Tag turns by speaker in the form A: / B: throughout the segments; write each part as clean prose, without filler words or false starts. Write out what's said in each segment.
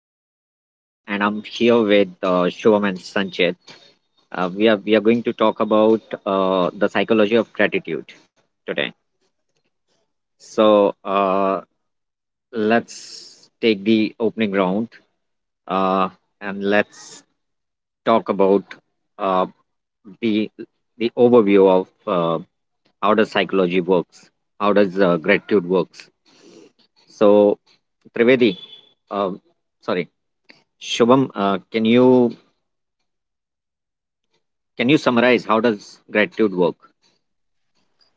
A: Name is Mohit, and I'm here with Shivam and Sanchit. We are going to talk about the psychology of gratitude today. So uh, let's take the opening round, uh, and let's talk about uh, the overview of how does psychology works, how does gratitude works. So Trivedi, um sorry, Shubham, can you summarize how does gratitude work?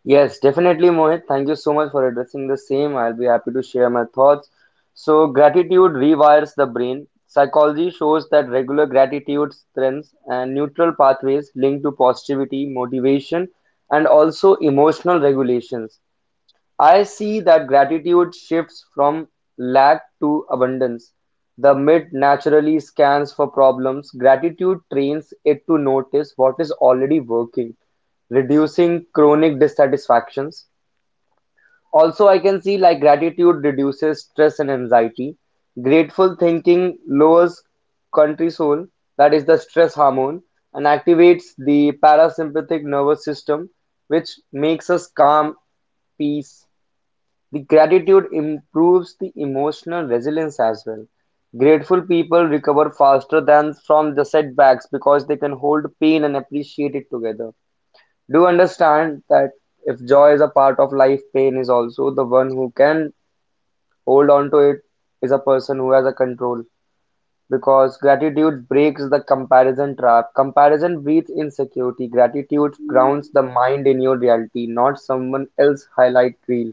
B: Yes, definitely, Mohit. Thank you so much for addressing the same. I'll be happy to share my thoughts. So, gratitude rewires the brain. Psychology shows that regular gratitude strengths and neutral pathways linked to positivity, motivation, and also emotional regulations. I see that gratitude shifts from lack to abundance. The myth naturally scans for problems. Gratitude trains it to notice what is already working, reducing chronic dissatisfactions. Also, I can see like gratitude reduces stress and anxiety. Grateful thinking lowers cortisol, that is the stress hormone, and activates the parasympathetic nervous system, which makes us calm, peace, the gratitude improves the emotional resilience as well. Grateful people recover faster than from the setbacks because they can hold pain and appreciate it together. Do understand that if joy is a part of life, pain is also the one who can hold on to it is a person who has a control because gratitude breaks the comparison trap. Comparison breeds insecurity. Gratitude grounds the mind in your reality, not someone else's highlight reel.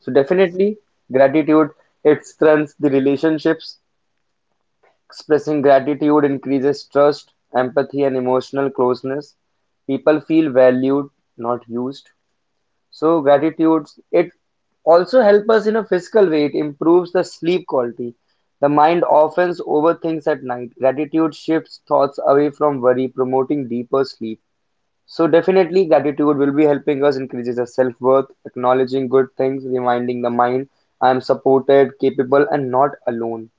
B: So definitely gratitude it strengthens the relationships. Expressing gratitude increases trust, empathy and emotional closeness. People feel valued, not used. So gratitude it also help us in a physical way. It improves the sleep quality. The mind often overthinks at night. Gratitude shifts thoughts away from worry, promoting deeper sleep. So definitely gratitude will be helping us increases our self-worth, acknowledging good things, reminding the mind I am supported, capable and not alone.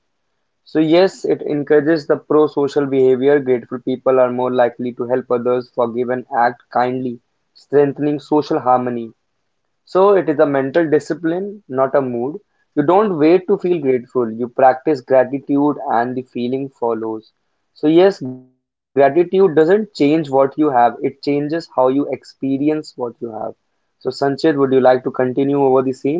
B: So yes, it encourages the pro-social behavior. Grateful people are more likely to help others, forgive and act kindly, strengthening social harmony. So it is a mental discipline, not a mood. You don't wait to feel grateful. You practice gratitude and the feeling follows. So yes, gratitude doesn't change what you have. It changes how you experience what you have. So Sanchit, would you like to continue over the same?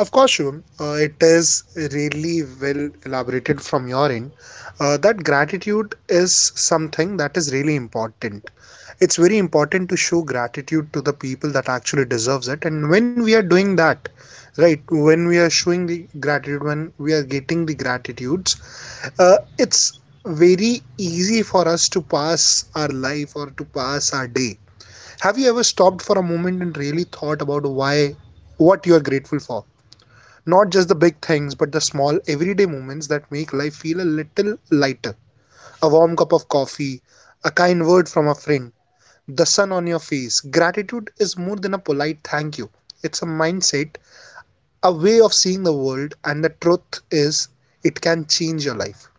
C: Of course, Shubham, it is really well elaborated from your end. That gratitude is something that is really important. It's very important to show gratitude to the people that actually deserves it. And when we are doing that, right, when we are showing the gratitude, when we are getting the gratitudes, it's very easy for us to pass our life or to pass our day. Have you ever stopped for a moment and really thought about why, what you are grateful for? Not just the big things, but the small, everyday moments that make life feel a little lighter. A warm cup of coffee, a kind word from a friend, the sun on your face. Gratitude is more than a polite thank you, it's a mindset, a way of seeing the world, and the truth is, it can change your life.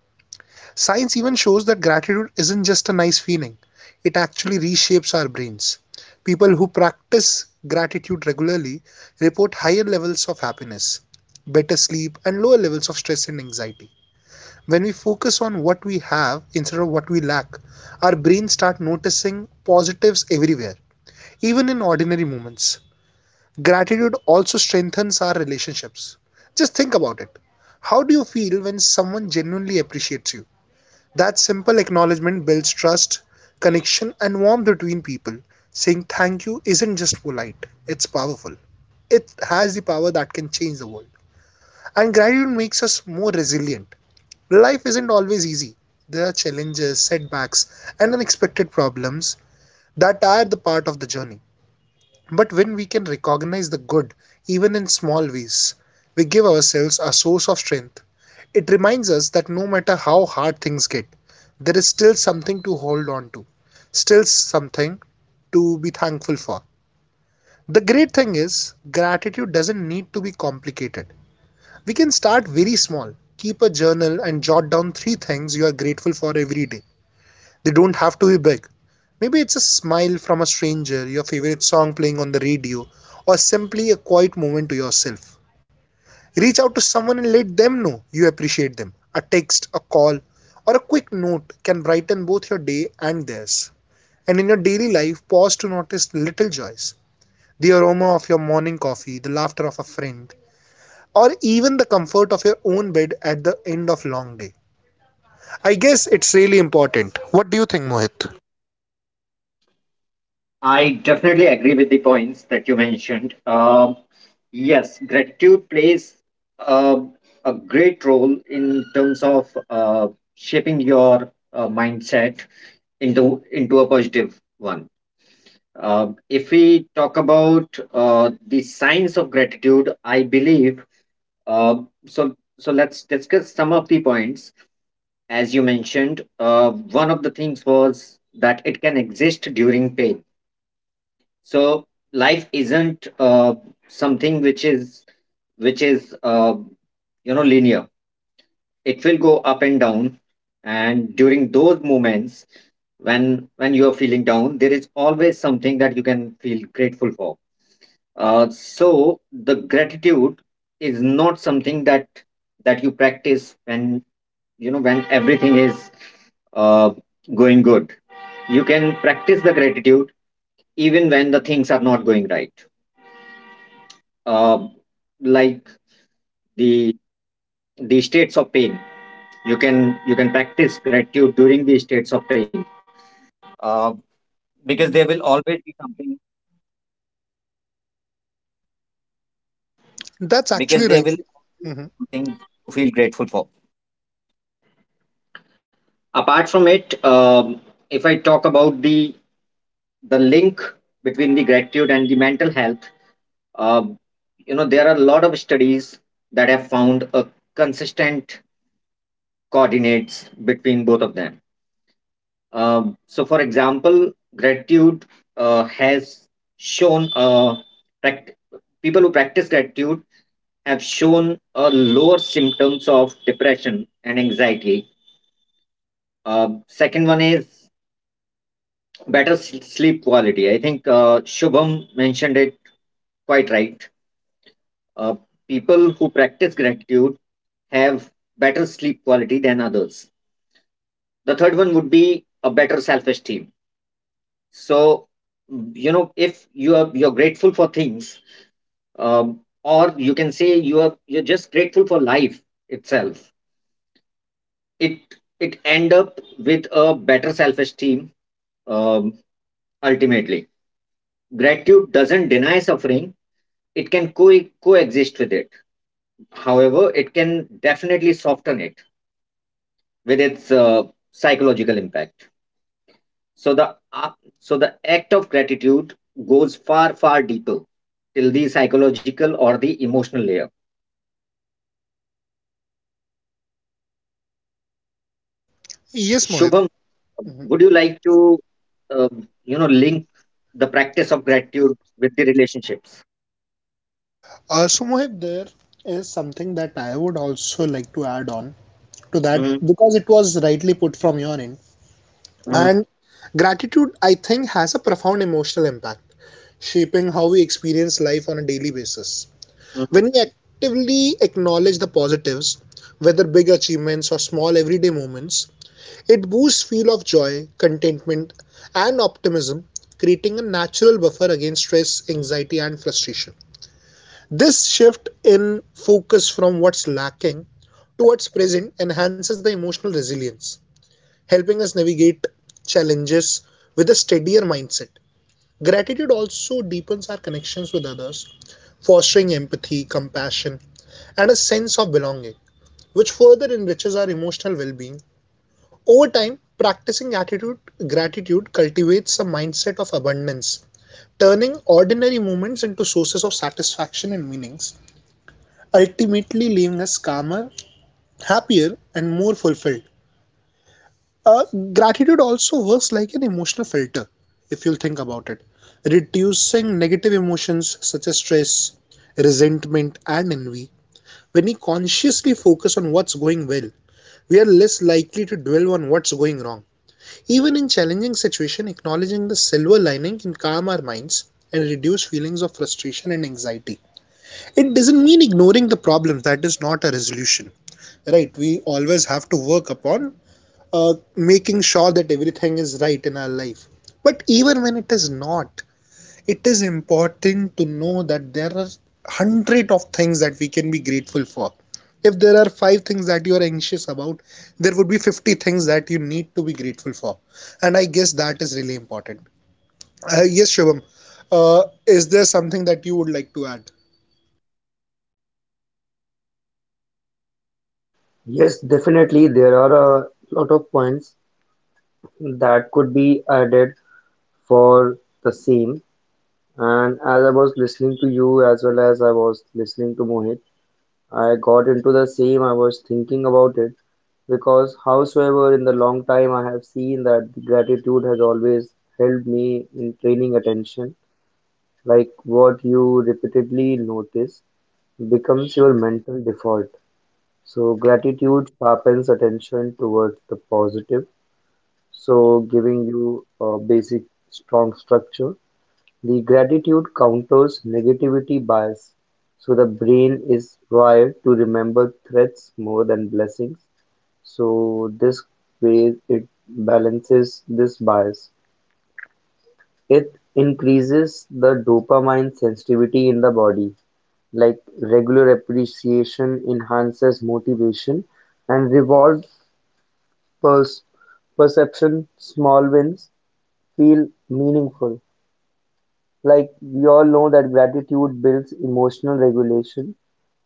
C: Science even shows that gratitude isn't just a nice feeling, it actually reshapes our brains. People who practice gratitude regularly report higher levels of happiness, better sleep, and lower levels of stress and anxiety. When we focus on what we have instead of what we lack, our brains start noticing positives everywhere, even in ordinary moments. Gratitude also strengthens our relationships. Just think about it. How do you feel when someone genuinely appreciates you? That simple acknowledgement builds trust, connection, and warmth between people. Saying thank you isn't just polite, it's powerful. It has the power that can change the world. And gratitude makes us more resilient. Life isn't always easy. There are challenges, setbacks, and unexpected problems that are the part of the journey. But when we can recognize the good, even in small ways, we give ourselves a source of strength. It reminds us that no matter how hard things get, there is still something to hold on to, still something to be thankful for. The great thing is, gratitude doesn't need to be complicated. We can start very small. Keep a journal and jot down three things you are grateful for every day. They don't have to be big. Maybe it's a smile from a stranger, your favorite song playing on the radio, or simply a quiet moment to yourself. Reach out to someone and let them know you appreciate them. A text, a call, or a quick note can brighten both your day and theirs. And in your daily life, pause to notice little joys, the aroma of your morning coffee, the laughter of a friend, or even the comfort of your own bed at the end of a long day. I guess it's really important. What do you think, Mohit?
A: I definitely agree with the points that you mentioned. Yes, gratitude plays uh, a great role in terms of shaping your mindset into into a positive one. If we talk about the signs of gratitude, I believe. um so so let's discuss some of the points. As you mentioned, one of the things was that it can exist during pain. So life isn't something which is which is uh, you know, linear. It will go up and down, and during those moments when you are feeling down, there is always something that you can feel grateful for. So the gratitude is not something that you practice when, you know, when everything is uh, going good. You can practice the gratitude even when the things are not going right, uh, like the the states of pain. You can you can practice gratitude during the states of pain.
C: That's actually right. Mhm.
A: If I talk about the link between the gratitude and the mental health, uh, you know, there are a lot of studies that have found a consistent coordinates between both of them. So, for example, gratitude has shown pract- people who practice gratitude have shown a lower symptoms of depression and anxiety. Second one is better sleep quality. I think Shubham mentioned it quite right. Uh, People who practice gratitude have better sleep quality than others. The third one would be a better self-esteem. So, you know, if you are you're grateful for things, or you can say you are you're just grateful for life itself. It it end up with a better self-esteem. Um, Ultimately, gratitude doesn't deny suffering; it can coexist with it. However, it can definitely soften it with its psychological impact. So the uh, so the act of gratitude goes far deeper till the psychological or the emotional layer.
C: Yes, Mohit.
A: Shubham,
C: Mhm.
A: would you like to uh, you know, link the practice of gratitude with the relationships?
C: So, Mohit, there is something that I would also like to add on to that
A: Mhm,
C: because it was rightly put from your end.
A: mhm,
C: And gratitude, I think, has a profound emotional impact, shaping how we experience life on a daily basis.
A: mhm.
C: When we actively acknowledge the positives, whether big achievements or small everyday moments, it boosts feel of joy, contentment, and optimism, creating a natural buffer against stress, anxiety, and frustration. This shift in focus from what's lacking towards present enhances the emotional resilience, helping us navigate challenges with a steadier mindset. Gratitude also deepens our connections with others, fostering empathy, compassion, and a sense of belonging, which further enriches our emotional well being. Over time, practicing gratitude cultivates a mindset of abundance, turning ordinary moments into sources of satisfaction and meanings, ultimately leaving us calmer, happier, and more fulfilled. Uh, Gratitude also works like an emotional filter, if you'll think about it, reducing negative emotions such as stress, resentment, and envy. When we consciously focus on what's going well, we are less likely to dwell on what's going wrong. Even in challenging situations, acknowledging the silver lining can calm our minds and reduce feelings of frustration and anxiety. It doesn't mean ignoring the problem, that is not a resolution, right? We always have to work upon making sure that everything is right in our life. But even when it is not, it is important to know that there are 100 of things that we can be grateful for. If there are five things that you are anxious about, there would be 50 things that you need to be grateful for. And I guess that is really important. Yes, Shivam, is there something that you would like to add?
B: Yes, definitely. There are a lot of points that could be added for the same. And as I was listening to you, as well as I was listening to Mohit, I got into the same. I was thinking about it because, howsoever, in the long time, I have seen that gratitude has always helped me in training attention. Like what you repeatedly notice becomes your mental default. So gratitude sharpens attention towards the positive. So giving you a basic strong structure. The gratitude counters negativity bias. So the brain is wired to remember threats more than blessings. So this way it balances this bias. It increases the dopamine sensitivity in the body. Like regular appreciation enhances motivation and reward pers perception, small wins, feel meaningful. Like we all know that gratitude builds emotional regulation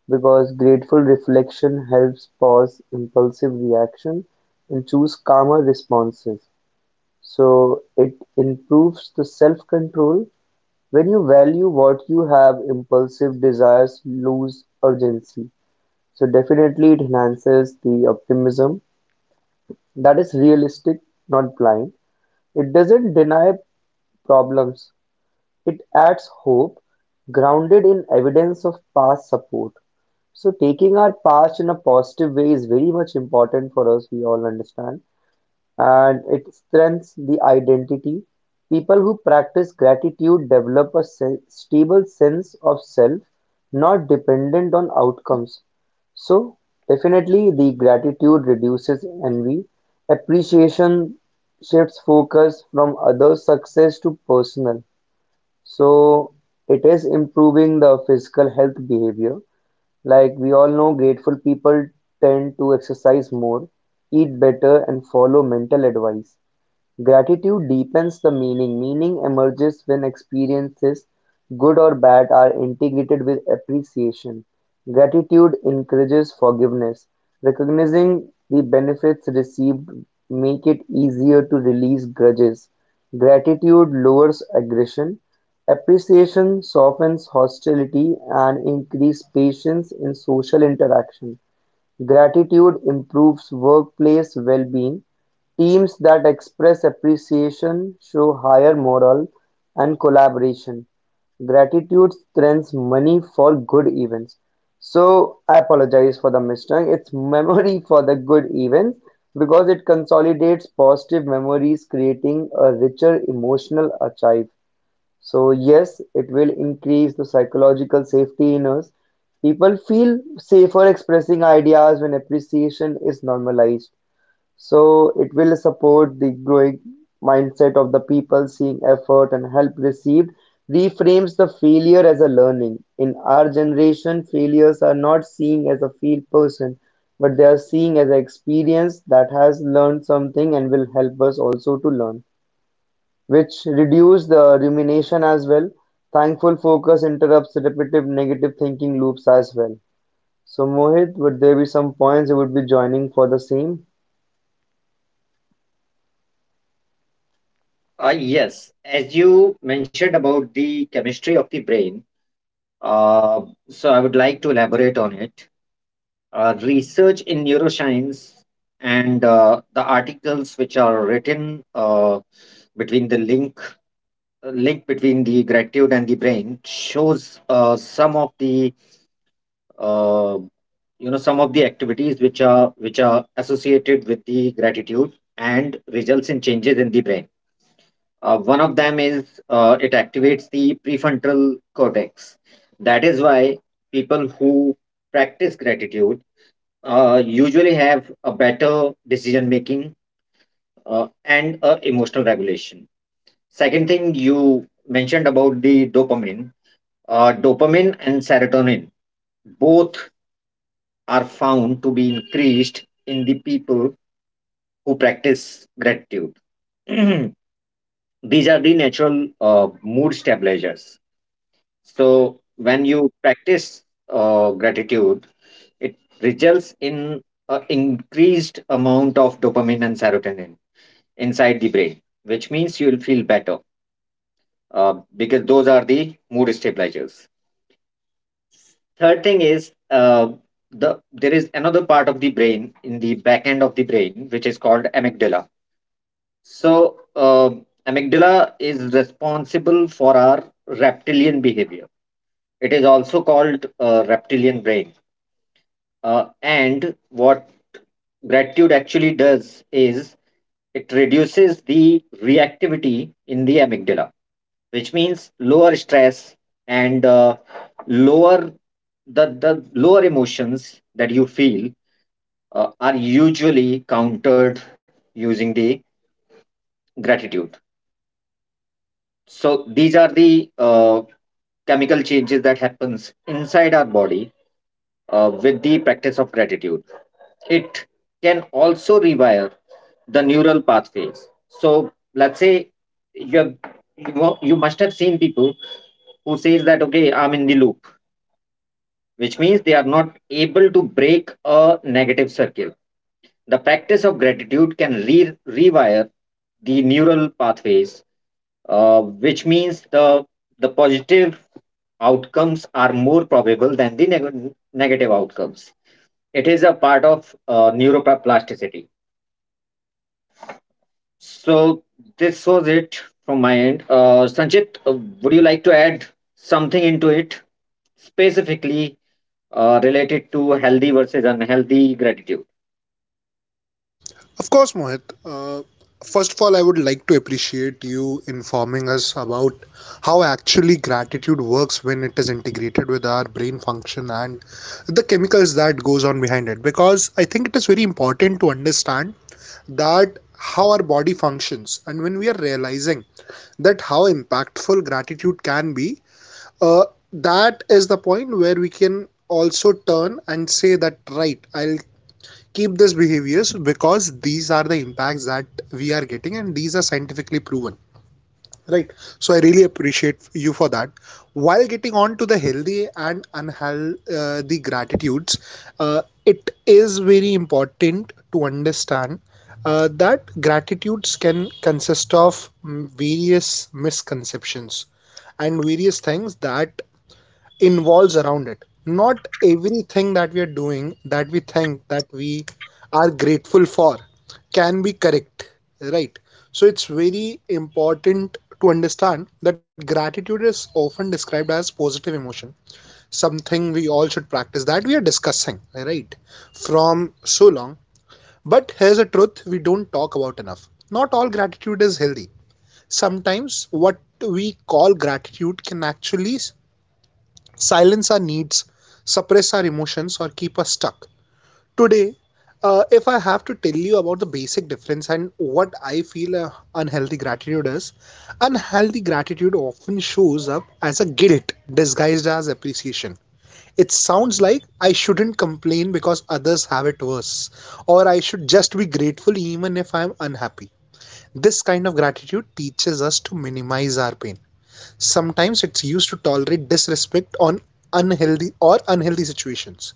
B: because grateful reflection helps pause impulsive reaction and choose calmer responses. So it improves the self control. When you value what you have, impulsive desires lose urgency. So definitely it enhances the optimism that is realistic, not blind. It doesn't deny problems, it adds hope, grounded in evidence of past support. So taking our past in a positive way is very much important for us, we all understand and it strengthens the identity. People who practice gratitude develop a stable sense of self, not dependent on outcomes. So, definitely, the gratitude reduces envy. Appreciation shifts focus from others' success to personal. So, it is improving the physical health behavior. Like we all know, grateful people tend to exercise more, eat better, and follow mental advice. Gratitude deepens the meaning; meaning emerges when experiences, good or bad, are integrated with appreciation. Gratitude encourages forgiveness; recognizing the benefits received make it easier to release grudges. Gratitude lowers aggression; appreciation softens hostility and increases patience in social interaction. Gratitude improves workplace well-being; teams that express appreciation show higher morale and collaboration. Gratitude spends money for good events. So I apologize for the mistake. It's memory for the good events because it consolidates positive memories, creating a richer emotional archive. So yes, it will increase the psychological safety in us. People feel safer expressing ideas when appreciation is normalized. So it will support the growing mindset of the people seeing effort and help received reframes the failure as a learning. In our generation, failures are not seen as a failed person, but they are seen as an experience that has learned something and will help us also to learn. Which reduce the rumination as well. Thankful focus interrupts repetitive negative thinking loops as well. So Mohit, would there be some points you would be joining for the same?
A: Yes, as you mentioned about the chemistry of the brain, uh, so I would like to elaborate on it. Research in neuroscience and the articles which are written between the link between the gratitude and the brain shows some of the uh, you know, some of the activities which are associated with the gratitude and results in changes in the brain. One of them is it activates the prefrontal cortex. That is why people who practice gratitude usually have a better decision making and emotional regulation. Second thing you mentioned about the dopamine, dopamine and serotonin both are found to be increased in the people who practice gratitude. These are the natural mood stabilizers. So when you practice gratitude, it results in an increased amount of dopamine and serotonin inside the brain, which means you'll feel better because those are the mood stabilizers. Third thing is there is another part of the brain in the back end of the brain which is called amygdala. So amygdala is responsible for our reptilian behavior. It is also called reptilian brain. And what gratitude actually does is it reduces the reactivity in the amygdala, which means lower stress and lower the lower emotions that you feel are usually countered using the gratitude. So these are the chemical changes that happens inside our body with the practice of gratitude. It can also rewire the neural pathways. So let's say you have, you must have seen people who says that, okay, I'm in the loop, which means they are not able to break a negative circle. The practice of gratitude can rewire the neural pathways, which means the positive outcomes are more probable than the negative outcomes. It is a part of neuroplasticity. So this was it from my end. Sanchit, would you like to add something into it specifically related to healthy versus unhealthy gratitude?
C: Of course, Mohit. First of all, I would like to appreciate you informing us about how actually gratitude works when it is integrated with our brain function and the chemicals that goes on behind it. Because I think it is very important to understand that how our body functions, and when we are realizing that how impactful gratitude can be, uh, that is the point where we can also turn and say that right, I'll keep these behaviors because these are the impacts that we are getting and these are scientifically proven, right. So I really appreciate you for that. While getting on to the healthy and unhealthy gratitudes, it is very important to understand that gratitudes can consist of various misconceptions and various things that involves around it. Not everything that we are doing that we think that we are grateful for can be correct, right? So it's very important to understand that gratitude is often described as positive emotion, something we all should practice that we are discussing, right? From so long. But here's a truth we don't talk about enough. Not all gratitude is healthy. Sometimes what we call gratitude can actually silence our needs, suppress our emotions, or keep us stuck. Today, if I have to tell you about the basic difference and what I feel unhealthy gratitude is, unhealthy gratitude often shows up as a guilt disguised as appreciation. It sounds like I shouldn't complain because others have it worse, or I should just be grateful even if I'm unhappy. This kind of gratitude teaches us to minimize our pain. Sometimes it's used to tolerate disrespect on unhealthy or unhealthy situations.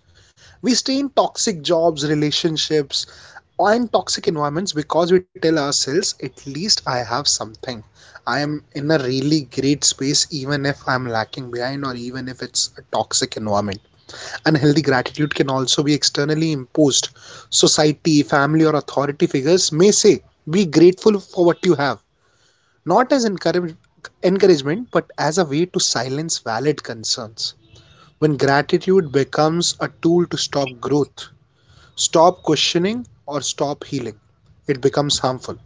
C: We stay in toxic jobs, relationships, or in toxic environments because we tell ourselves, at least I have something. I am in a really great space, even if I'm lacking behind, or even if it's a toxic environment. Unhealthy gratitude can also be externally imposed. Society, family, or authority figures may say, be grateful for what you have, not as encouragement, but as a way to silence valid concerns. When gratitude becomes a tool to stop growth, stop questioning, or stop healing, it becomes harmful.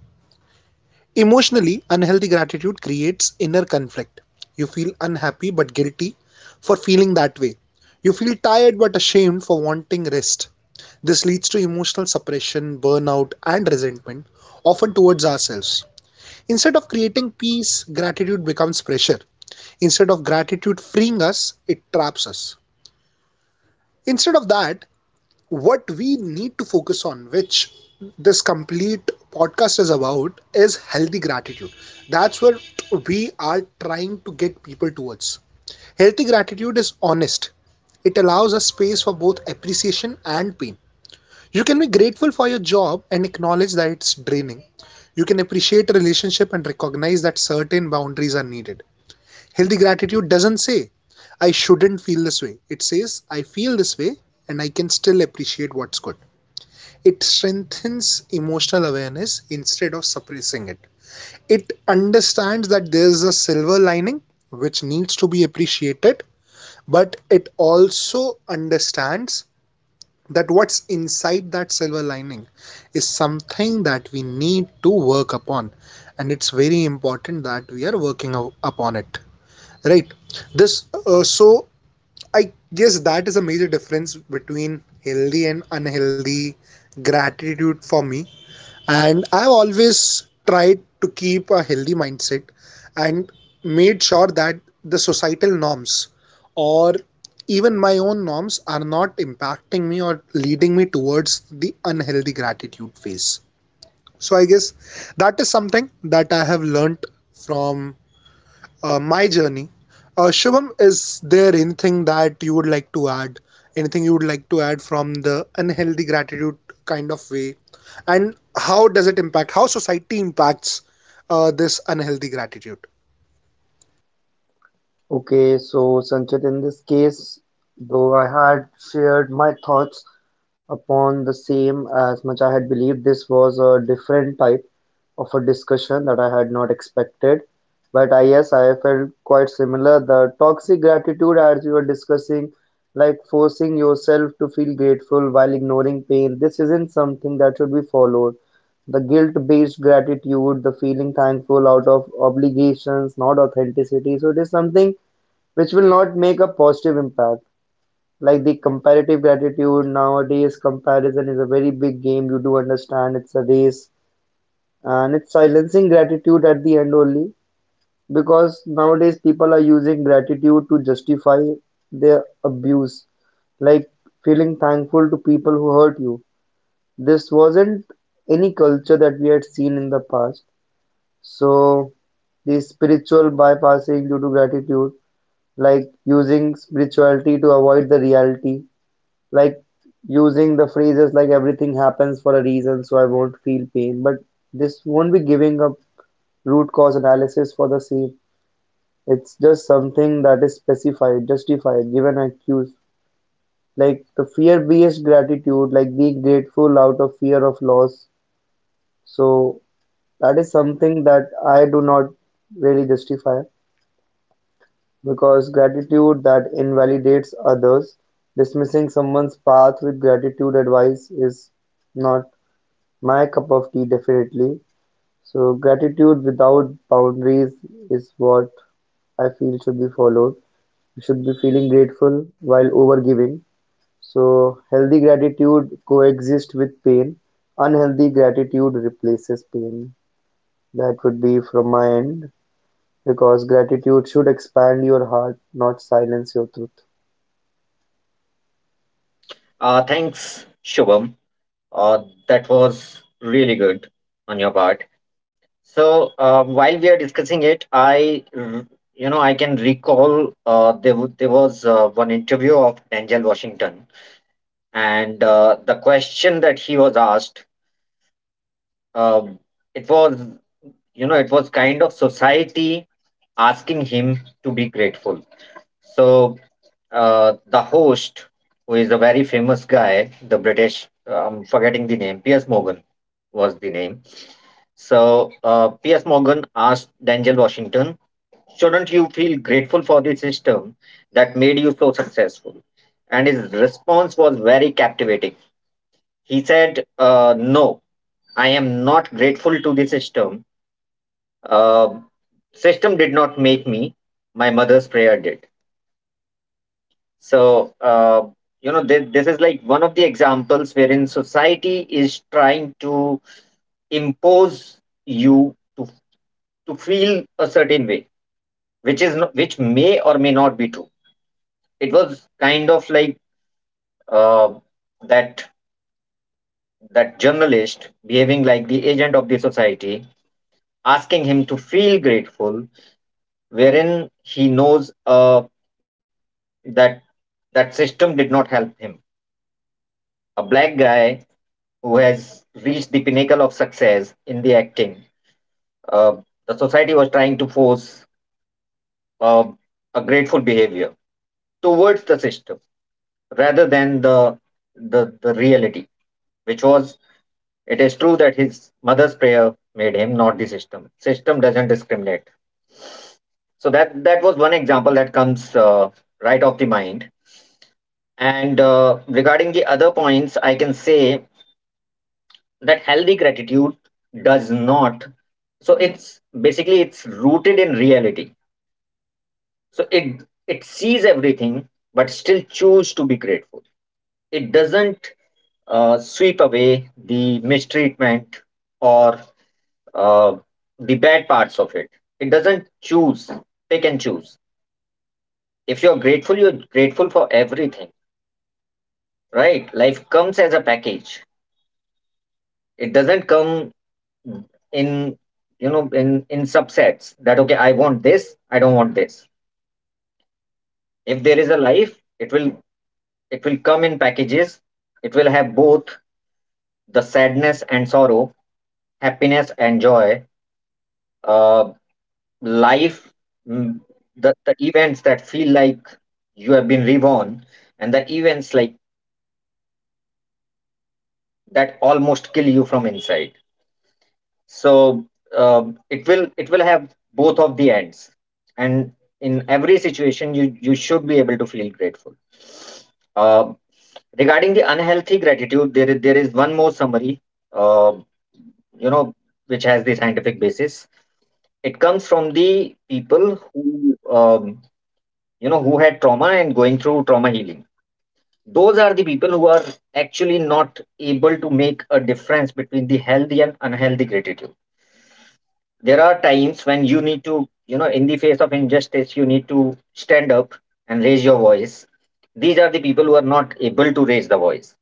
C: Emotionally, unhealthy gratitude creates inner conflict. You feel unhappy but guilty for feeling that way. You feel tired but ashamed for wanting rest. This leads to emotional suppression, burnout, and resentment, often towards ourselves. Instead of creating peace, gratitude becomes pressure. Instead of gratitude freeing us, it traps us. Instead of that, what we need to focus on, which this complete podcast is about, is healthy gratitude. That's what we are trying to get people towards. Healthy gratitude is honest, it allows a space for both appreciation and pain. You can be grateful for your job and acknowledge that it's draining. You can appreciate a relationship and recognize that certain boundaries are needed. Healthy gratitude doesn't say, I shouldn't feel this way. It says, I feel this way and I can still appreciate what's good. It strengthens emotional awareness instead of suppressing it. It understands that there's a silver lining which needs to be appreciated, but it also understands that what's inside that silver lining is something that we need to work upon, and it's very important that we are working upon it, right this so I guess that is a major difference between healthy and unhealthy gratitude for me. And I've always tried to keep a healthy mindset and made sure that the societal norms or even my own norms are not impacting me or leading me towards the unhealthy gratitude phase. So I guess that is something that I have learnt from my journey. Shubham, is there anything that you would like to add? Anything you would like to add from the unhealthy gratitude kind of way? And how does it impact, how society impacts this unhealthy gratitude?
B: Okay, so Sanchit, in this case, though I had shared my thoughts upon the same as much I had believed this was a different type of a discussion that I had not expected. But I yes, I felt quite similar. The toxic gratitude as you were discussing, like forcing yourself to feel grateful while ignoring pain, this isn't something that should be followed. The guilt-based gratitude, the feeling thankful out of obligations, not authenticity. So it is something which will not make a positive impact. Like the comparative gratitude nowadays, comparison is a very big game. You do understand it's a race, and it's silencing gratitude at the end only because nowadays people are using gratitude to justify their abuse, like feeling thankful to people who hurt you. This wasn't any culture that we had seen in the past. So, the spiritual bypassing due to gratitude like using spirituality to avoid the reality, like using the phrases like everything happens for a reason, so I won't feel pain. But this won't be giving a root cause analysis for the same. It's just something that is specified, justified, given an excuse. Like the fear based gratitude, like being grateful out of fear of loss. So that is something that I do not really justify. Because gratitude that invalidates others, dismissing someone's path with gratitude advice is not my cup of tea definitely. So gratitude without boundaries is what I feel should be followed. You should be feeling grateful while overgiving. So healthy gratitude coexists with pain. Unhealthy gratitude replaces pain. That would be from my end because gratitude should expand your heart, not silence your truth.
A: Thanks, Shubham. Uh, that was really good on your part. So while we are discussing it, you know, I can recall there was one interview of Denzel Washington, and the question that he was asked. Um, it was, you know, it was kind of society asking him to be grateful. So the host, who is a very famous guy, the British, I'm forgetting the name, Piers Morgan was the name. So Piers Morgan asked Denzel Washington, shouldn't you feel grateful for the system that made you so successful? And his response was very captivating. He said, no, I am not grateful to the system. uh, System did not make me. My mother's prayer did. So, you know, this is like one of the examples wherein society is trying to impose you to feel a certain way, which is not, which may or may not be true. It was kind of like uh, that that journalist behaving like the agent of the society, asking him to feel grateful, wherein he knows that that system did not help him. A black guy who has reached the pinnacle of success in the acting, uh, the society was trying to force uh, a grateful behavior towards the system rather than the reality, which was, it is true that his mother's prayer made him, not the system. System doesn't discriminate. So that was one example that comes right off the mind. And regarding the other points, I can say that healthy gratitude does not, so it's basically it's rooted in reality. So it sees everything but still choose to be grateful. It doesn't sweep away the mistreatment or uh, the bad parts of it. It doesn't choose, pick and choose. If you're grateful, you're grateful for everything. Right, life comes as a package. It doesn't come Mm. in you know, in subsets that, okay, I want this, I don't want this. If there is a life, it will come in packages. It will have both the sadness and sorrow, happiness and joy. Uh life mm, the, the events that feel like you have been reborn and the events like that almost kill you from inside. So it will, it will have both of the ends, and in every situation, you should be able to feel grateful. Uh, Regarding the unhealthy gratitude, there is one more summary, uh, you know, which has the scientific basis. It comes from the people who, you know, who had trauma and going through trauma healing. Those are the people who are actually not able to make a difference between the healthy and unhealthy gratitude. There are times when you need to, you know, in the face of injustice, you need to stand up and raise your voice. These are the people who are not able to raise the voice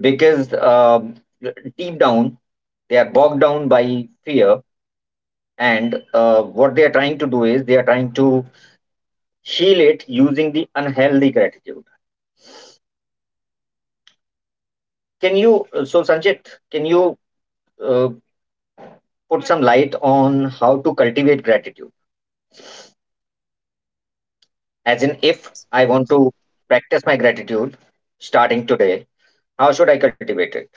A: because, deep down, they are bogged down by fear, and what they are trying to do is they are trying to heal it using the unhealthy gratitude. Can you uh, so Sanchit, can you uh, put some light on how to cultivate gratitude, as in, if I want to practice my gratitude starting today, how should I cultivate it?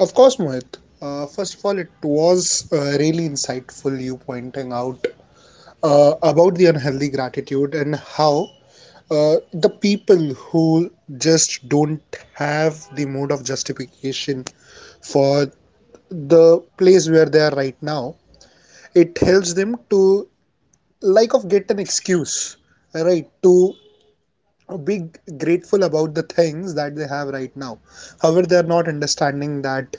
C: Of course, Mohit. First of all, it was really insightful you pointing out about the unhealthy gratitude and how the people who just don't have the mode of justification for the place where they are right now, it helps them to like of get an excuse, right, to be grateful about the things that they have right now, however they are not understanding that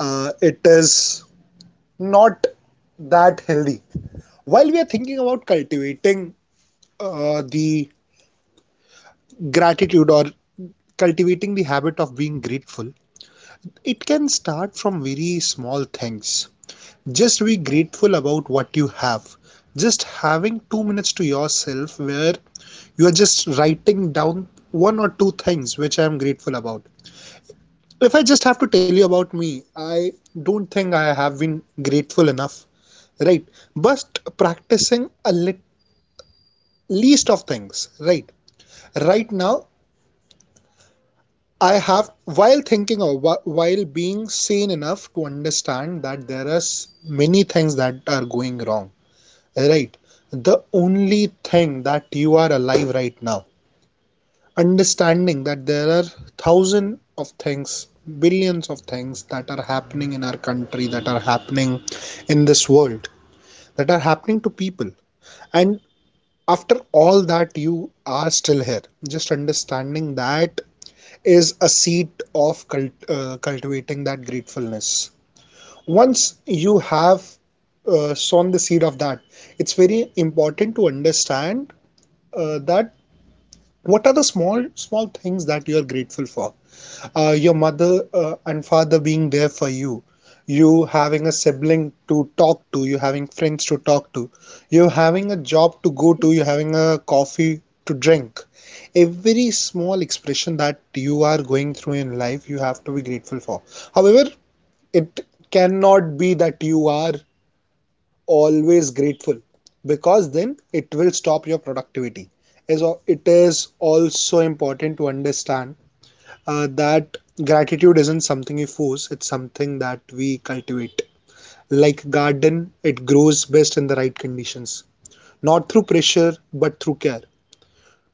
C: it is not that healthy. While we are thinking about cultivating the gratitude or cultivating the habit of being grateful, it can start from very small things. Just be grateful about what you have. Just having 2 minutes to yourself where you are just writing down one or two things which I am grateful about. If I just have to tell you about me, I don't think I have been grateful enough, right? But practicing a least of things, right? Right now, I have, while thinking or while being sane enough to understand that there are many things that are going wrong, right? The only thing that you are alive right now, understanding that there are thousands of things, billions of things that are happening in our country, that are happening in this world, that are happening to people, and after all that you are still here. Just understanding that is a seed of cultivating that gratefulness. Once you have sown the seed of that, it's very important to understand that what are the small small things that you are grateful for? Your mother and father being there for you, you having a sibling to talk to, you having friends to talk to, you having a job to go to, you having a coffee to drink. Every small expression that you are going through in life, you have to be grateful for. However, it cannot be that you are always grateful, because then it will stop your productivity. It is also important to understand that gratitude isn't something you force, it's something that we cultivate. Like garden, it grows best in the right conditions, not through pressure but through care.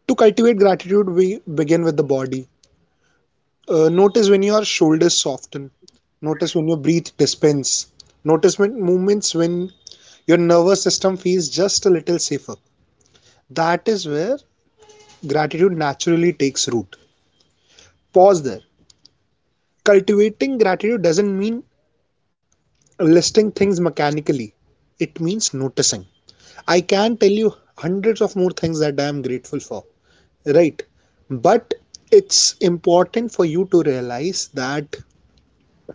C: To cultivate gratitude, we begin with the body. Notice when your shoulders soften, notice when your breath dispense, notice when movements when your nervous system feels just a little safer. That is where gratitude naturally takes root. Pause there. Cultivating gratitude doesn't mean listing things mechanically, it means noticing. I can tell you hundreds of more things that I am grateful for, right? But it's important for you to realize that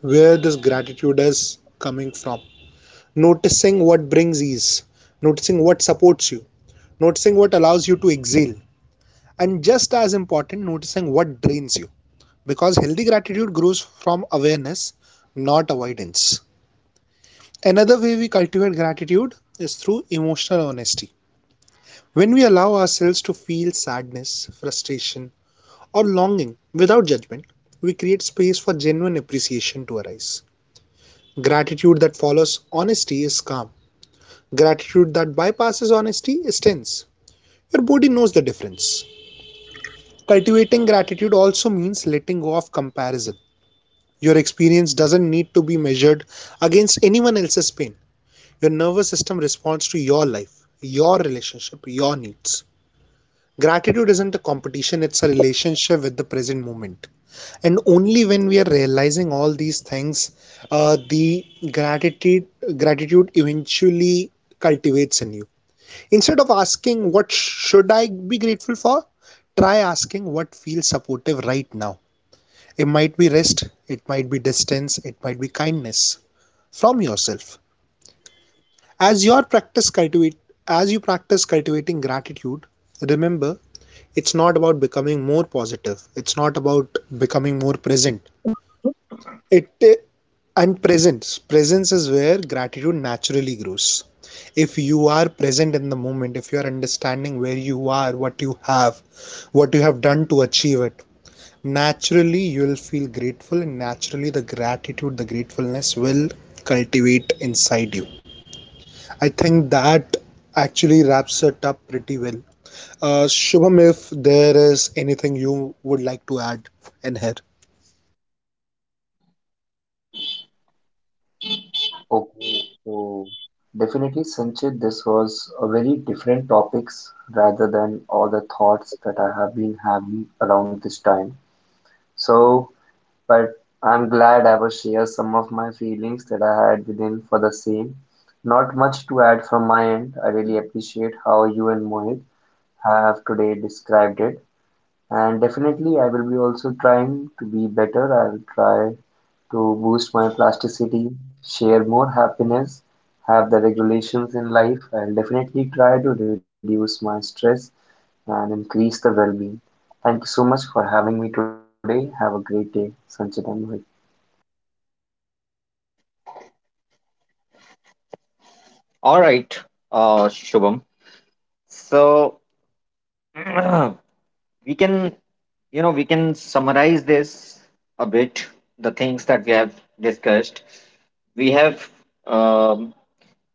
C: where this gratitude is coming from, noticing what brings ease, noticing what supports you, noticing what allows you to exhale, and just as important, noticing what drains you. Because healthy gratitude grows from awareness, not avoidance. Another way we cultivate gratitude is through emotional honesty. When we allow ourselves to feel sadness, frustration, or longing without judgment, we create space for genuine appreciation to arise. Gratitude that follows honesty is calm. Gratitude that bypasses honesty is tense. Your body knows the difference. Cultivating gratitude also means letting go of comparison. Your experience doesn't need to be measured against anyone else's pain. Your nervous system responds to your life, your relationship, your needs. Gratitude isn't a competition, it's a relationship with the present moment. And only when we are realizing all these things, the gratitude gratitude eventually cultivates in you. Instead of asking what should I be grateful for, try asking what feels supportive right now. It might be rest, it might be distance, it might be kindness from yourself. As your practice cultivate as you practice cultivating gratitude, remember it's not about becoming more positive. It's not about becoming more present. It And presence. Presence is where gratitude naturally grows. If you are present in the moment, if you are understanding where you are, what you have done to achieve it, naturally you will feel grateful, and naturally the gratitude, the gratefulness will cultivate inside you. I think that actually wraps it up pretty well. Shubham, if there is anything you would like to add in here.
B: Okay, so definitely, Sanchit, this was a very different topics rather than all the thoughts that I have been having around this time. So, but I'm glad I was share some of my feelings that I had within for the same. Not much to add from my end. I really appreciate how you and Mohit have today described it. And definitely, I will be also trying to be better. I'll try to boost my plasticity, share more happiness, have the regulations in life. I'll definitely try to reduce my stress and increase the well being. Thank you so much for having me today. Have a great day, Sanchit and Mohit.
A: All right, Shubham. So we can, you know, we can summarize this a bit. The things that we have discussed, we have, um,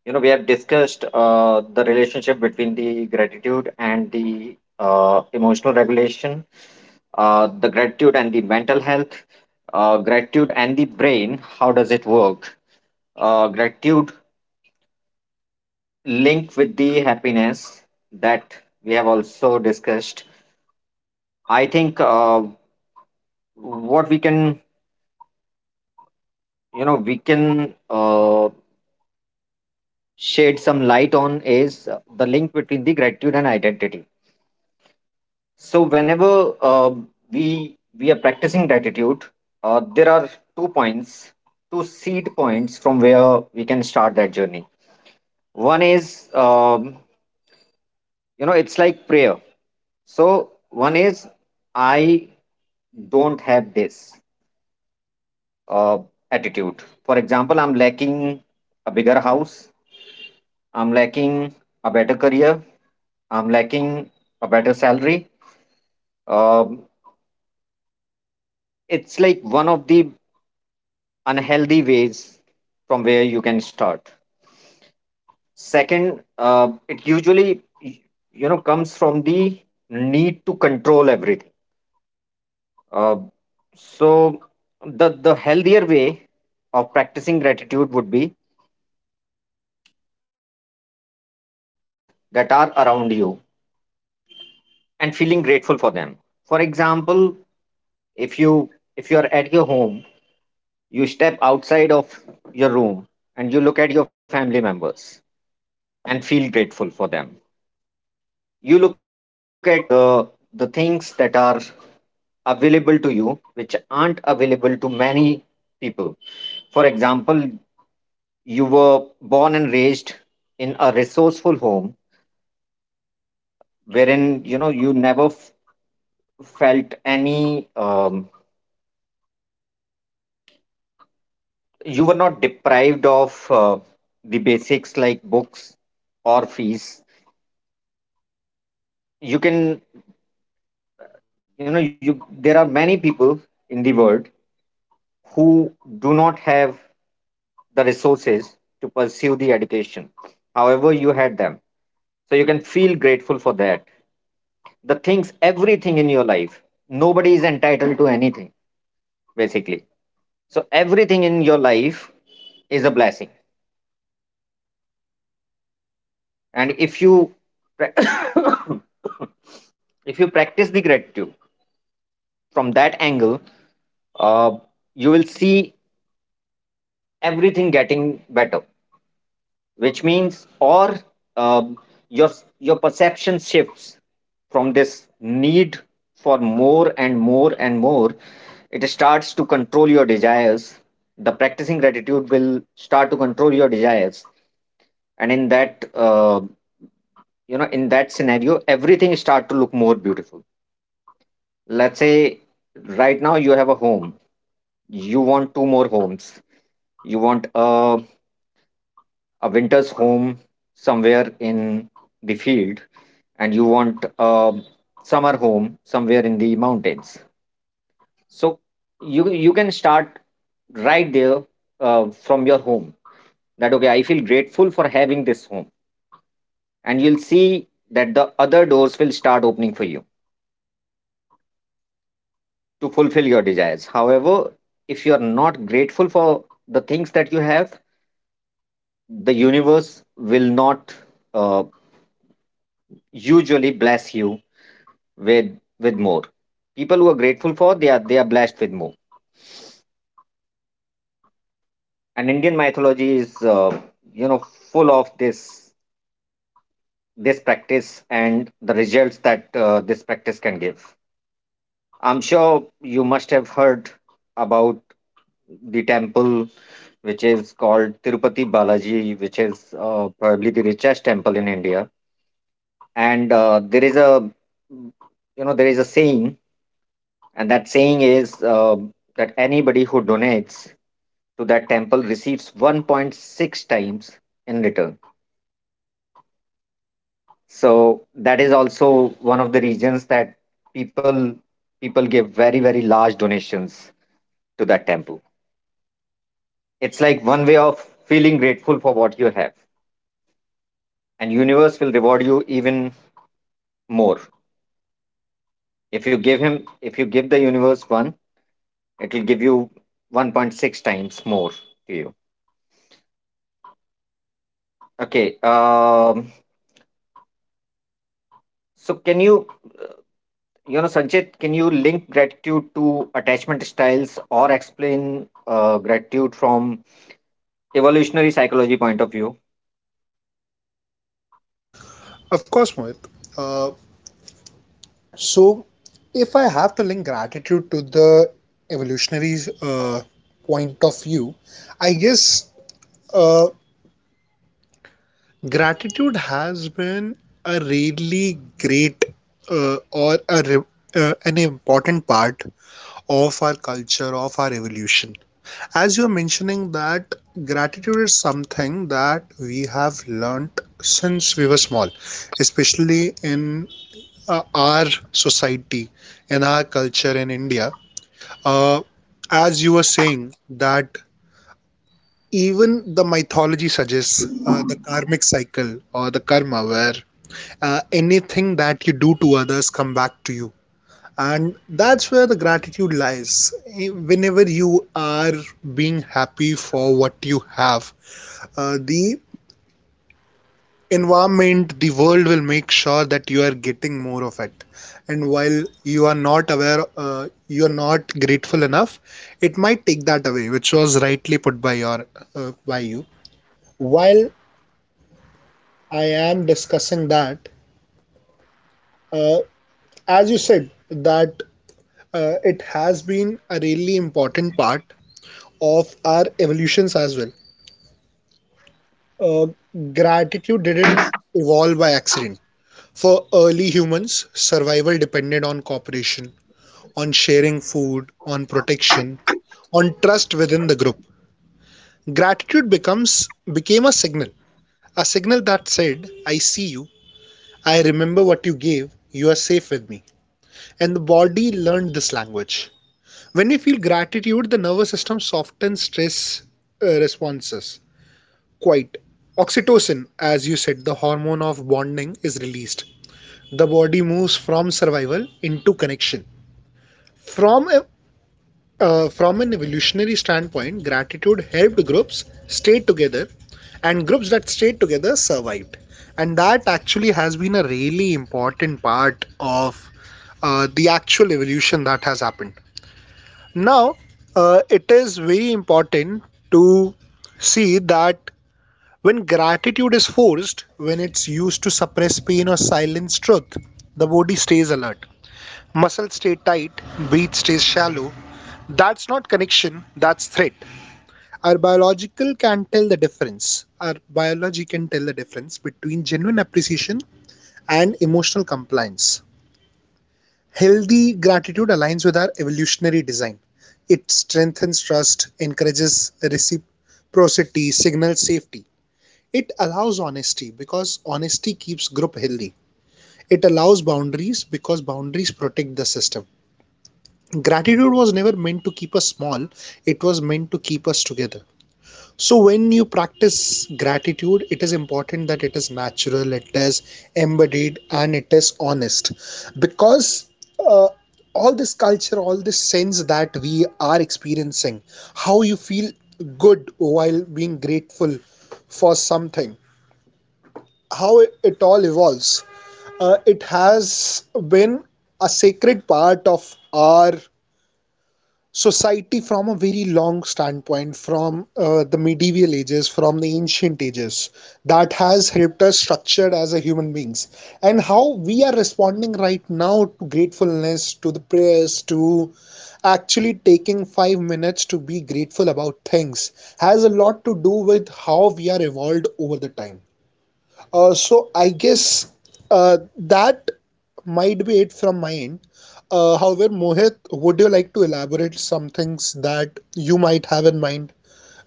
A: you know, we have discussed the relationship between the gratitude and the emotional regulation, the gratitude and the mental health, gratitude the brain. How does it work? Gratitude linked with the happiness that we have also discussed. I think What we can, you know, we can shed some light on is the link between the gratitude and identity. So whenever we are practicing gratitude, there are two points, two seed points from where we can start that journey. One is, you know, it's like prayer. So one is, I don't have this uh, attitude. For example, I'm lacking a bigger house, I'm lacking a better career, I'm lacking a better salary. Um, it's like one of the unhealthy ways from where you can start. Second, it usually you know, comes from the need to control everything. Uh, so the healthier way of practicing gratitude would be looking at the things that are around you and feeling grateful for them. For example, if you if you're at your home, you step outside of your room and you look at your family members and feel grateful for them. You look at the the things that are available to you which aren't available to many people. For example, you were born and raised in a resourceful home wherein you never felt any, um, you were not deprived of the basics like books or fees. You can you know you There are many people in the world who do not have the resources to pursue the education. However, you had them, so you can feel grateful for that. The things Everything in your life, nobody is entitled to anything, basically. So everything in your life is a blessing, and if you pra- if you practice the gratitude from that angle, uh, you will see everything getting better, which means, or um your your perception shifts from this need for more and more and more. It starts to control your desires. The practicing gratitude will start to control your desires, and in that scenario, everything start to look more beautiful. Let's say right now you have a home. You want two more homes. You want a winter's home somewhere in the field, and you want a summer home somewhere in the mountains. So you can start right there, from your home, that okay, I feel grateful for having this home, and you'll see that the other doors will start opening for you to fulfill your desires. However, if you are not grateful for the things that you have, the universe will not uh, usually bless you with more. People who are grateful for, they are blessed with more. And Indian mythology is full of this practice and the results that this practice can give. I'm sure you must have heard about the temple which is called Tirupati Balaji, which is probably the richest temple in India. And there is a there is a saying, and that saying is that anybody who donates to that temple receives 1.6 times in return. So that is also one of the reasons that people people give very, very large donations to that temple. It's like one way of feeling grateful for what you have, and universe will reward you even more. If you give him if you give the universe one, it will give you 1.6 times more to you. Okay. So can you You know, Sanchit, can you link gratitude to attachment styles or explain gratitude from evolutionary psychology point of view?
C: Of course, Mohit. Uh, so, if I have to link gratitude to the evolutionary point of view, I guess uh, gratitude has been a really great uh, or a, an important part of our culture, of our evolution. As you're mentioning that gratitude is something that we have learnt since we were small, especially in our society, in our culture in India. Uh, as you were saying, that even the mythology suggests the karmic cycle or the karma, where anything that you do to others come back to you. And that's where the gratitude lies. Whenever you are being happy for what you have, the environment, the world will make sure that you are getting more of it. And while you are not aware, you are not grateful enough, it might take that away, which was rightly put by your by you. While I am discussing that, uh, as you said, that it has been a really important part of our evolutions as well. Uh, Gratitude didn't evolve by accident. For early humans, survival depended on cooperation, on sharing food, on protection, on trust within the group. Gratitude becomes became a signal that said, I see you, I remember what you gave, you are safe with me. And the body learned this language. When we feel gratitude, the nervous system softens stress responses quite. Oxytocin, as you said, the hormone of bonding, is released. The body moves from survival into connection. From from an evolutionary standpoint, gratitude helped groups stay together, and groups that stayed together survived. And that actually has been a really important part of the actual evolution that has happened. Now, it is very important to see that when gratitude is forced, when it's used to suppress pain or silence truth, the body stays alert. Muscles stay tight, breath stays shallow. That's not connection, that's threat. our biological can tell the difference our biology can tell the difference between genuine appreciation and emotional compliance. Healthy gratitude aligns with our evolutionary design. It strengthens trust, encourages reciprocity, signals safety. It allows honesty because honesty keeps group healthy, it allows boundaries because boundaries protect the system. Gratitude was never meant to keep us small, it was meant to keep us together. So, when you practice gratitude, it is important that it is natural, it is embodied, and it is honest. Because uh, all this culture, all this sense that we are experiencing, how you feel good while being grateful for something, how it all evolves, it has been a sacred part of our society from a very long standpoint, from the medieval ages, from the ancient ages, that has helped us structured as a human beings, and how we are responding right now to gratefulness, to the prayers, to actually taking 5 minutes to be grateful about things has a lot to do with how we are evolved over the time. So I guess uh, that might be it from my end. However, Mohit, would you like to elaborate some things that you might have in mind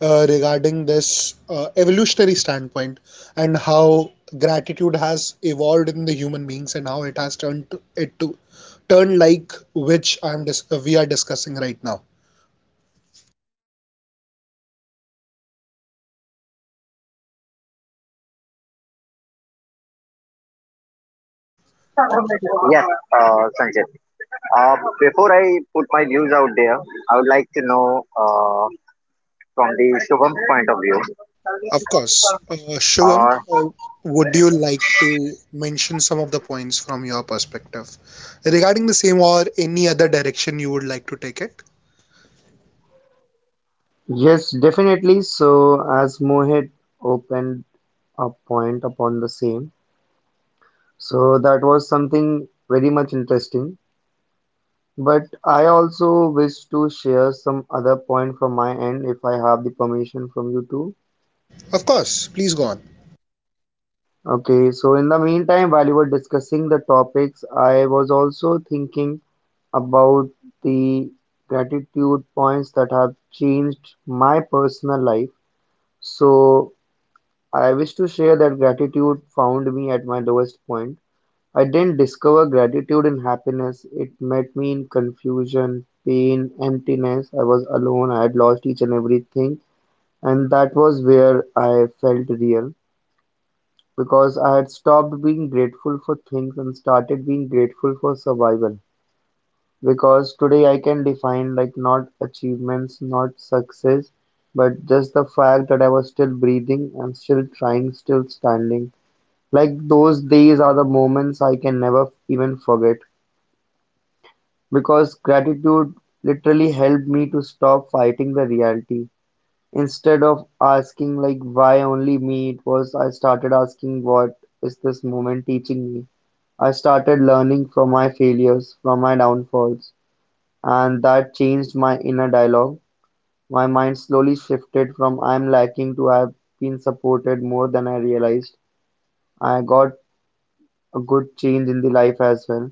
C: regarding this evolutionary standpoint and how gratitude has evolved in the human beings and how it has turned it to turn like which we are discussing right now?
A: Yes, Sanjay. Before I put my views out there, I would like to know from the Shubham point of view.
C: Of course. Uh, Shubham,
A: Uh,
C: uh, would you like to mention some of the points from your perspective regarding the same or any other direction you would like to take it?
B: Yes, definitely. So, as Mohit opened a point upon the same, so that was something very much interesting. But I also wish to share some other point from my end if I have the permission from you too.
C: Of course, please go on.
B: Okay, so in the meantime, while you were discussing the topics, I was also thinking about the gratitude points that have changed my personal life. So I wish to share that gratitude found me at my lowest point. I didn't discover gratitude in happiness, it met me in confusion, pain, emptiness. I was alone, I had lost each and everything, and that was where I felt real because I had stopped being grateful for things and started being grateful for survival. Because today I can define like not achievements, not success, but just the fact that I was still breathing and still trying, still standing. Like those days are the moments I can never even forget because gratitude literally helped me to stop fighting the reality. Instead of asking like why only me, it was I started asking what is this moment teaching me? I started learning from my failures, from my downfalls, and that changed my inner dialogue. My mind slowly shifted from I am lacking to I have been supported more than I realized. I got a good change in the life as well.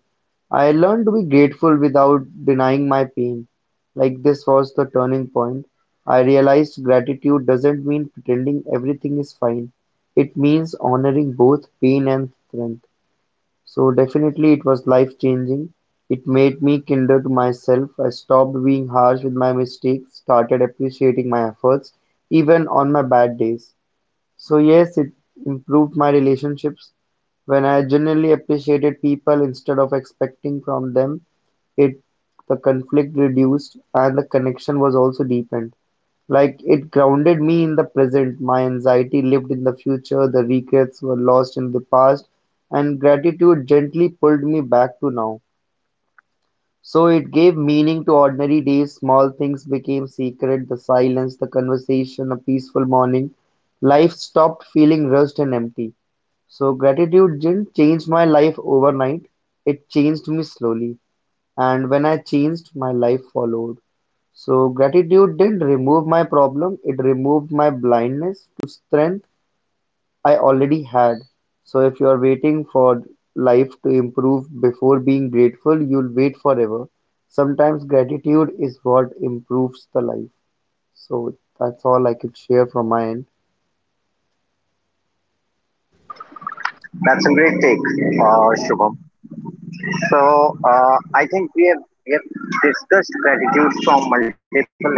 B: I learned to be grateful without denying my pain. Like this was the turning point. I realized gratitude doesn't mean pretending everything is fine. It means honoring both pain and strength. So definitely it was life changing. It made me kinder to myself. I stopped being harsh with my mistakes, started appreciating my efforts, even on my bad days. So yes, it improved my relationships. When I genuinely appreciated people instead of expecting from them, it the conflict reduced and the connection was also deepened. Like it grounded me in the present. My anxiety lived in the future, the regrets were lost in the past, and gratitude gently pulled me back to now. So it gave meaning to ordinary days. Small things became sacred the silence, the conversation, a peaceful morning. Life stopped feeling rushed and empty. So gratitude didn't change my life overnight, it changed me slowly. And when I changed, my life followed. So gratitude didn't remove my problem, it removed my blindness to strength. I already had, so if you're waiting for life to improve before being grateful, you'll wait forever. Sometimes gratitude is what improves the life. So that's all I could share from my end.
A: that's a great take, Shubham. So, I think we have discussed gratitude from multiple lenses,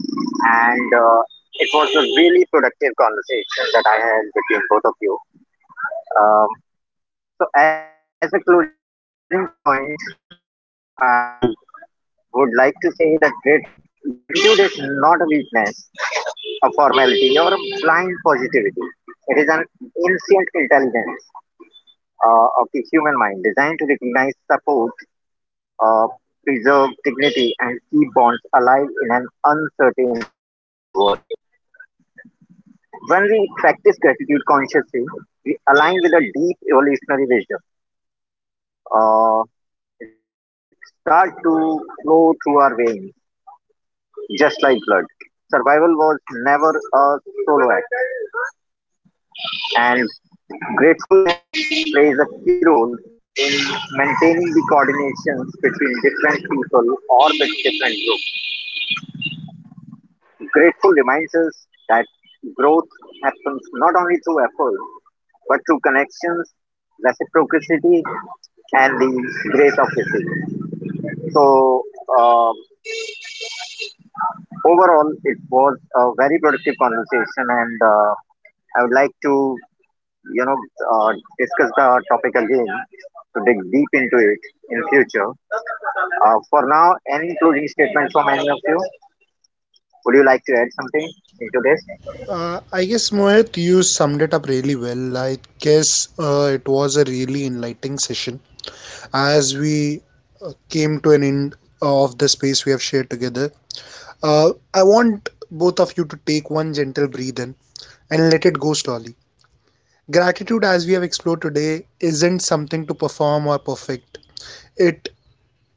A: and it was a really productive conversation that I had between both of you. Um, So, as a closing point, I would like to say that gratitude is not a weakness, a formality, or a blind positivity. It is an ancient intelligence of the human mind designed to recognize, support, uh, preserve dignity, and keep bonds alive in an uncertain world. When we practice gratitude consciously, we align with a deep evolutionary wisdom. Uh, it starts to flow through our veins, just like blood. Survival was never a solo act, and gratefulness plays a key role in maintaining the coordination between different people or with different groups. Grateful reminds us that growth happens through effort but through connections, reciprocity, and the grace of receiving. So, uh, overall, it was a very productive conversation, and I would like to you know, uh, discuss the to dig deep into it in future. For now, any closing statement from any of you? Would you like to add something into this?
C: I guess Mohit, you summed it up really well. I guess it was a really enlightening session as we came to an end of the space we have shared together. I want both of you to take one gentle breathe in and let it go slowly. Gratitude, as we have explored today, isn't something to perform or perfect. It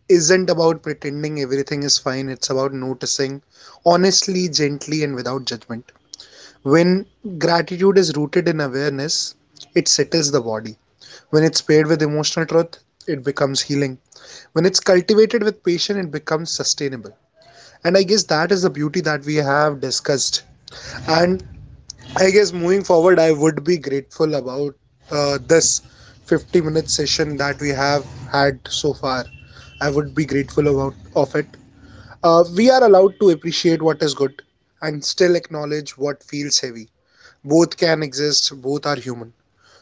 C: isn't about pretending everything is fine, it's about noticing honestly, gently, and without judgment. When gratitude is rooted in awareness, it settles the body. When it's paired with emotional truth, it becomes healing. When it's cultivated with patience, it becomes sustainable. And I guess that is the beauty that we have discussed. And I guess moving forward, I would be grateful about this 50-minute session that we have had so far. I would be grateful about of it. We are allowed to appreciate what is good and still acknowledge what feels heavy. Both can exist, both are human.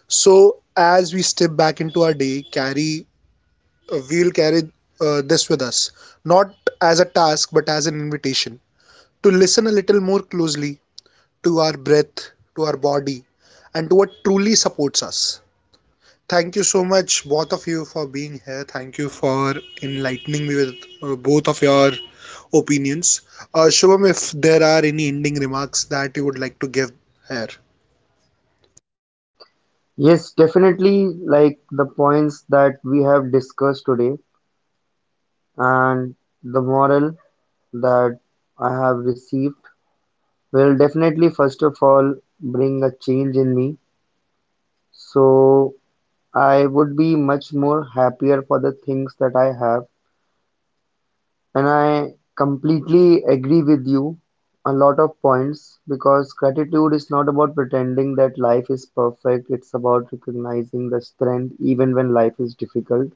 C: So as we step back into our day, carry we'll carry this with us, not as a task but as an invitation to listen a little more closely, to our breath, to our body, and to what truly supports us. Thank you so much, both of you, for being here. Thank you for enlightening me with both of your opinions. Shubham, if there are any ending remarks that you would like to give here.
B: Yes, definitely like the points that we have discussed today and the moral that I have received will definitely first of all bring a change in me. So I would be much more happier for the things that I have. And I completely agree with you a lot of points because gratitude is not about pretending that life is perfect, it's about recognizing the strength even when life is difficult.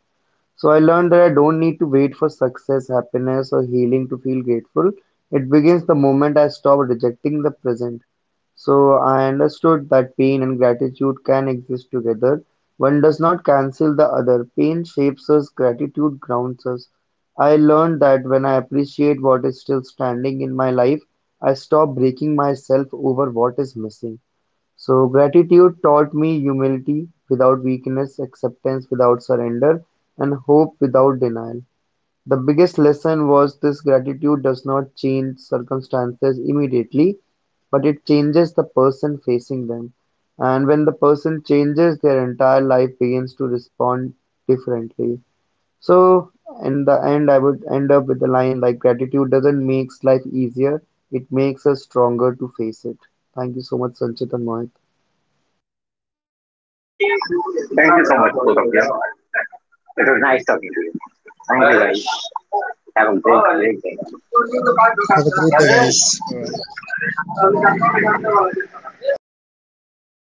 B: So I learned that I don't need to wait for success, happiness, or healing to feel grateful. It begins the moment I stop rejecting the present. So I understood that pain and gratitude can exist together. One does not cancel the other. Pain shapes us, gratitude grounds us. I learned that when I appreciate what is still standing in my life, I stop breaking myself over what is missing. So gratitude taught me humility without weakness, acceptance without surrender, and hope without denial. The biggest lesson was this gratitude does not change circumstances immediately, but it changes the person facing them. And when the person changes, their entire life begins to respond differently. So, in the end, I would end up with a line like gratitude doesn't make life easier, it makes us stronger to face it. Thank you so much, Sanchit and Mohit.
A: Thank you so much, both of you. Thank you, guys. Great, great.
C: Have a great day, guys.
A: Well, Reza.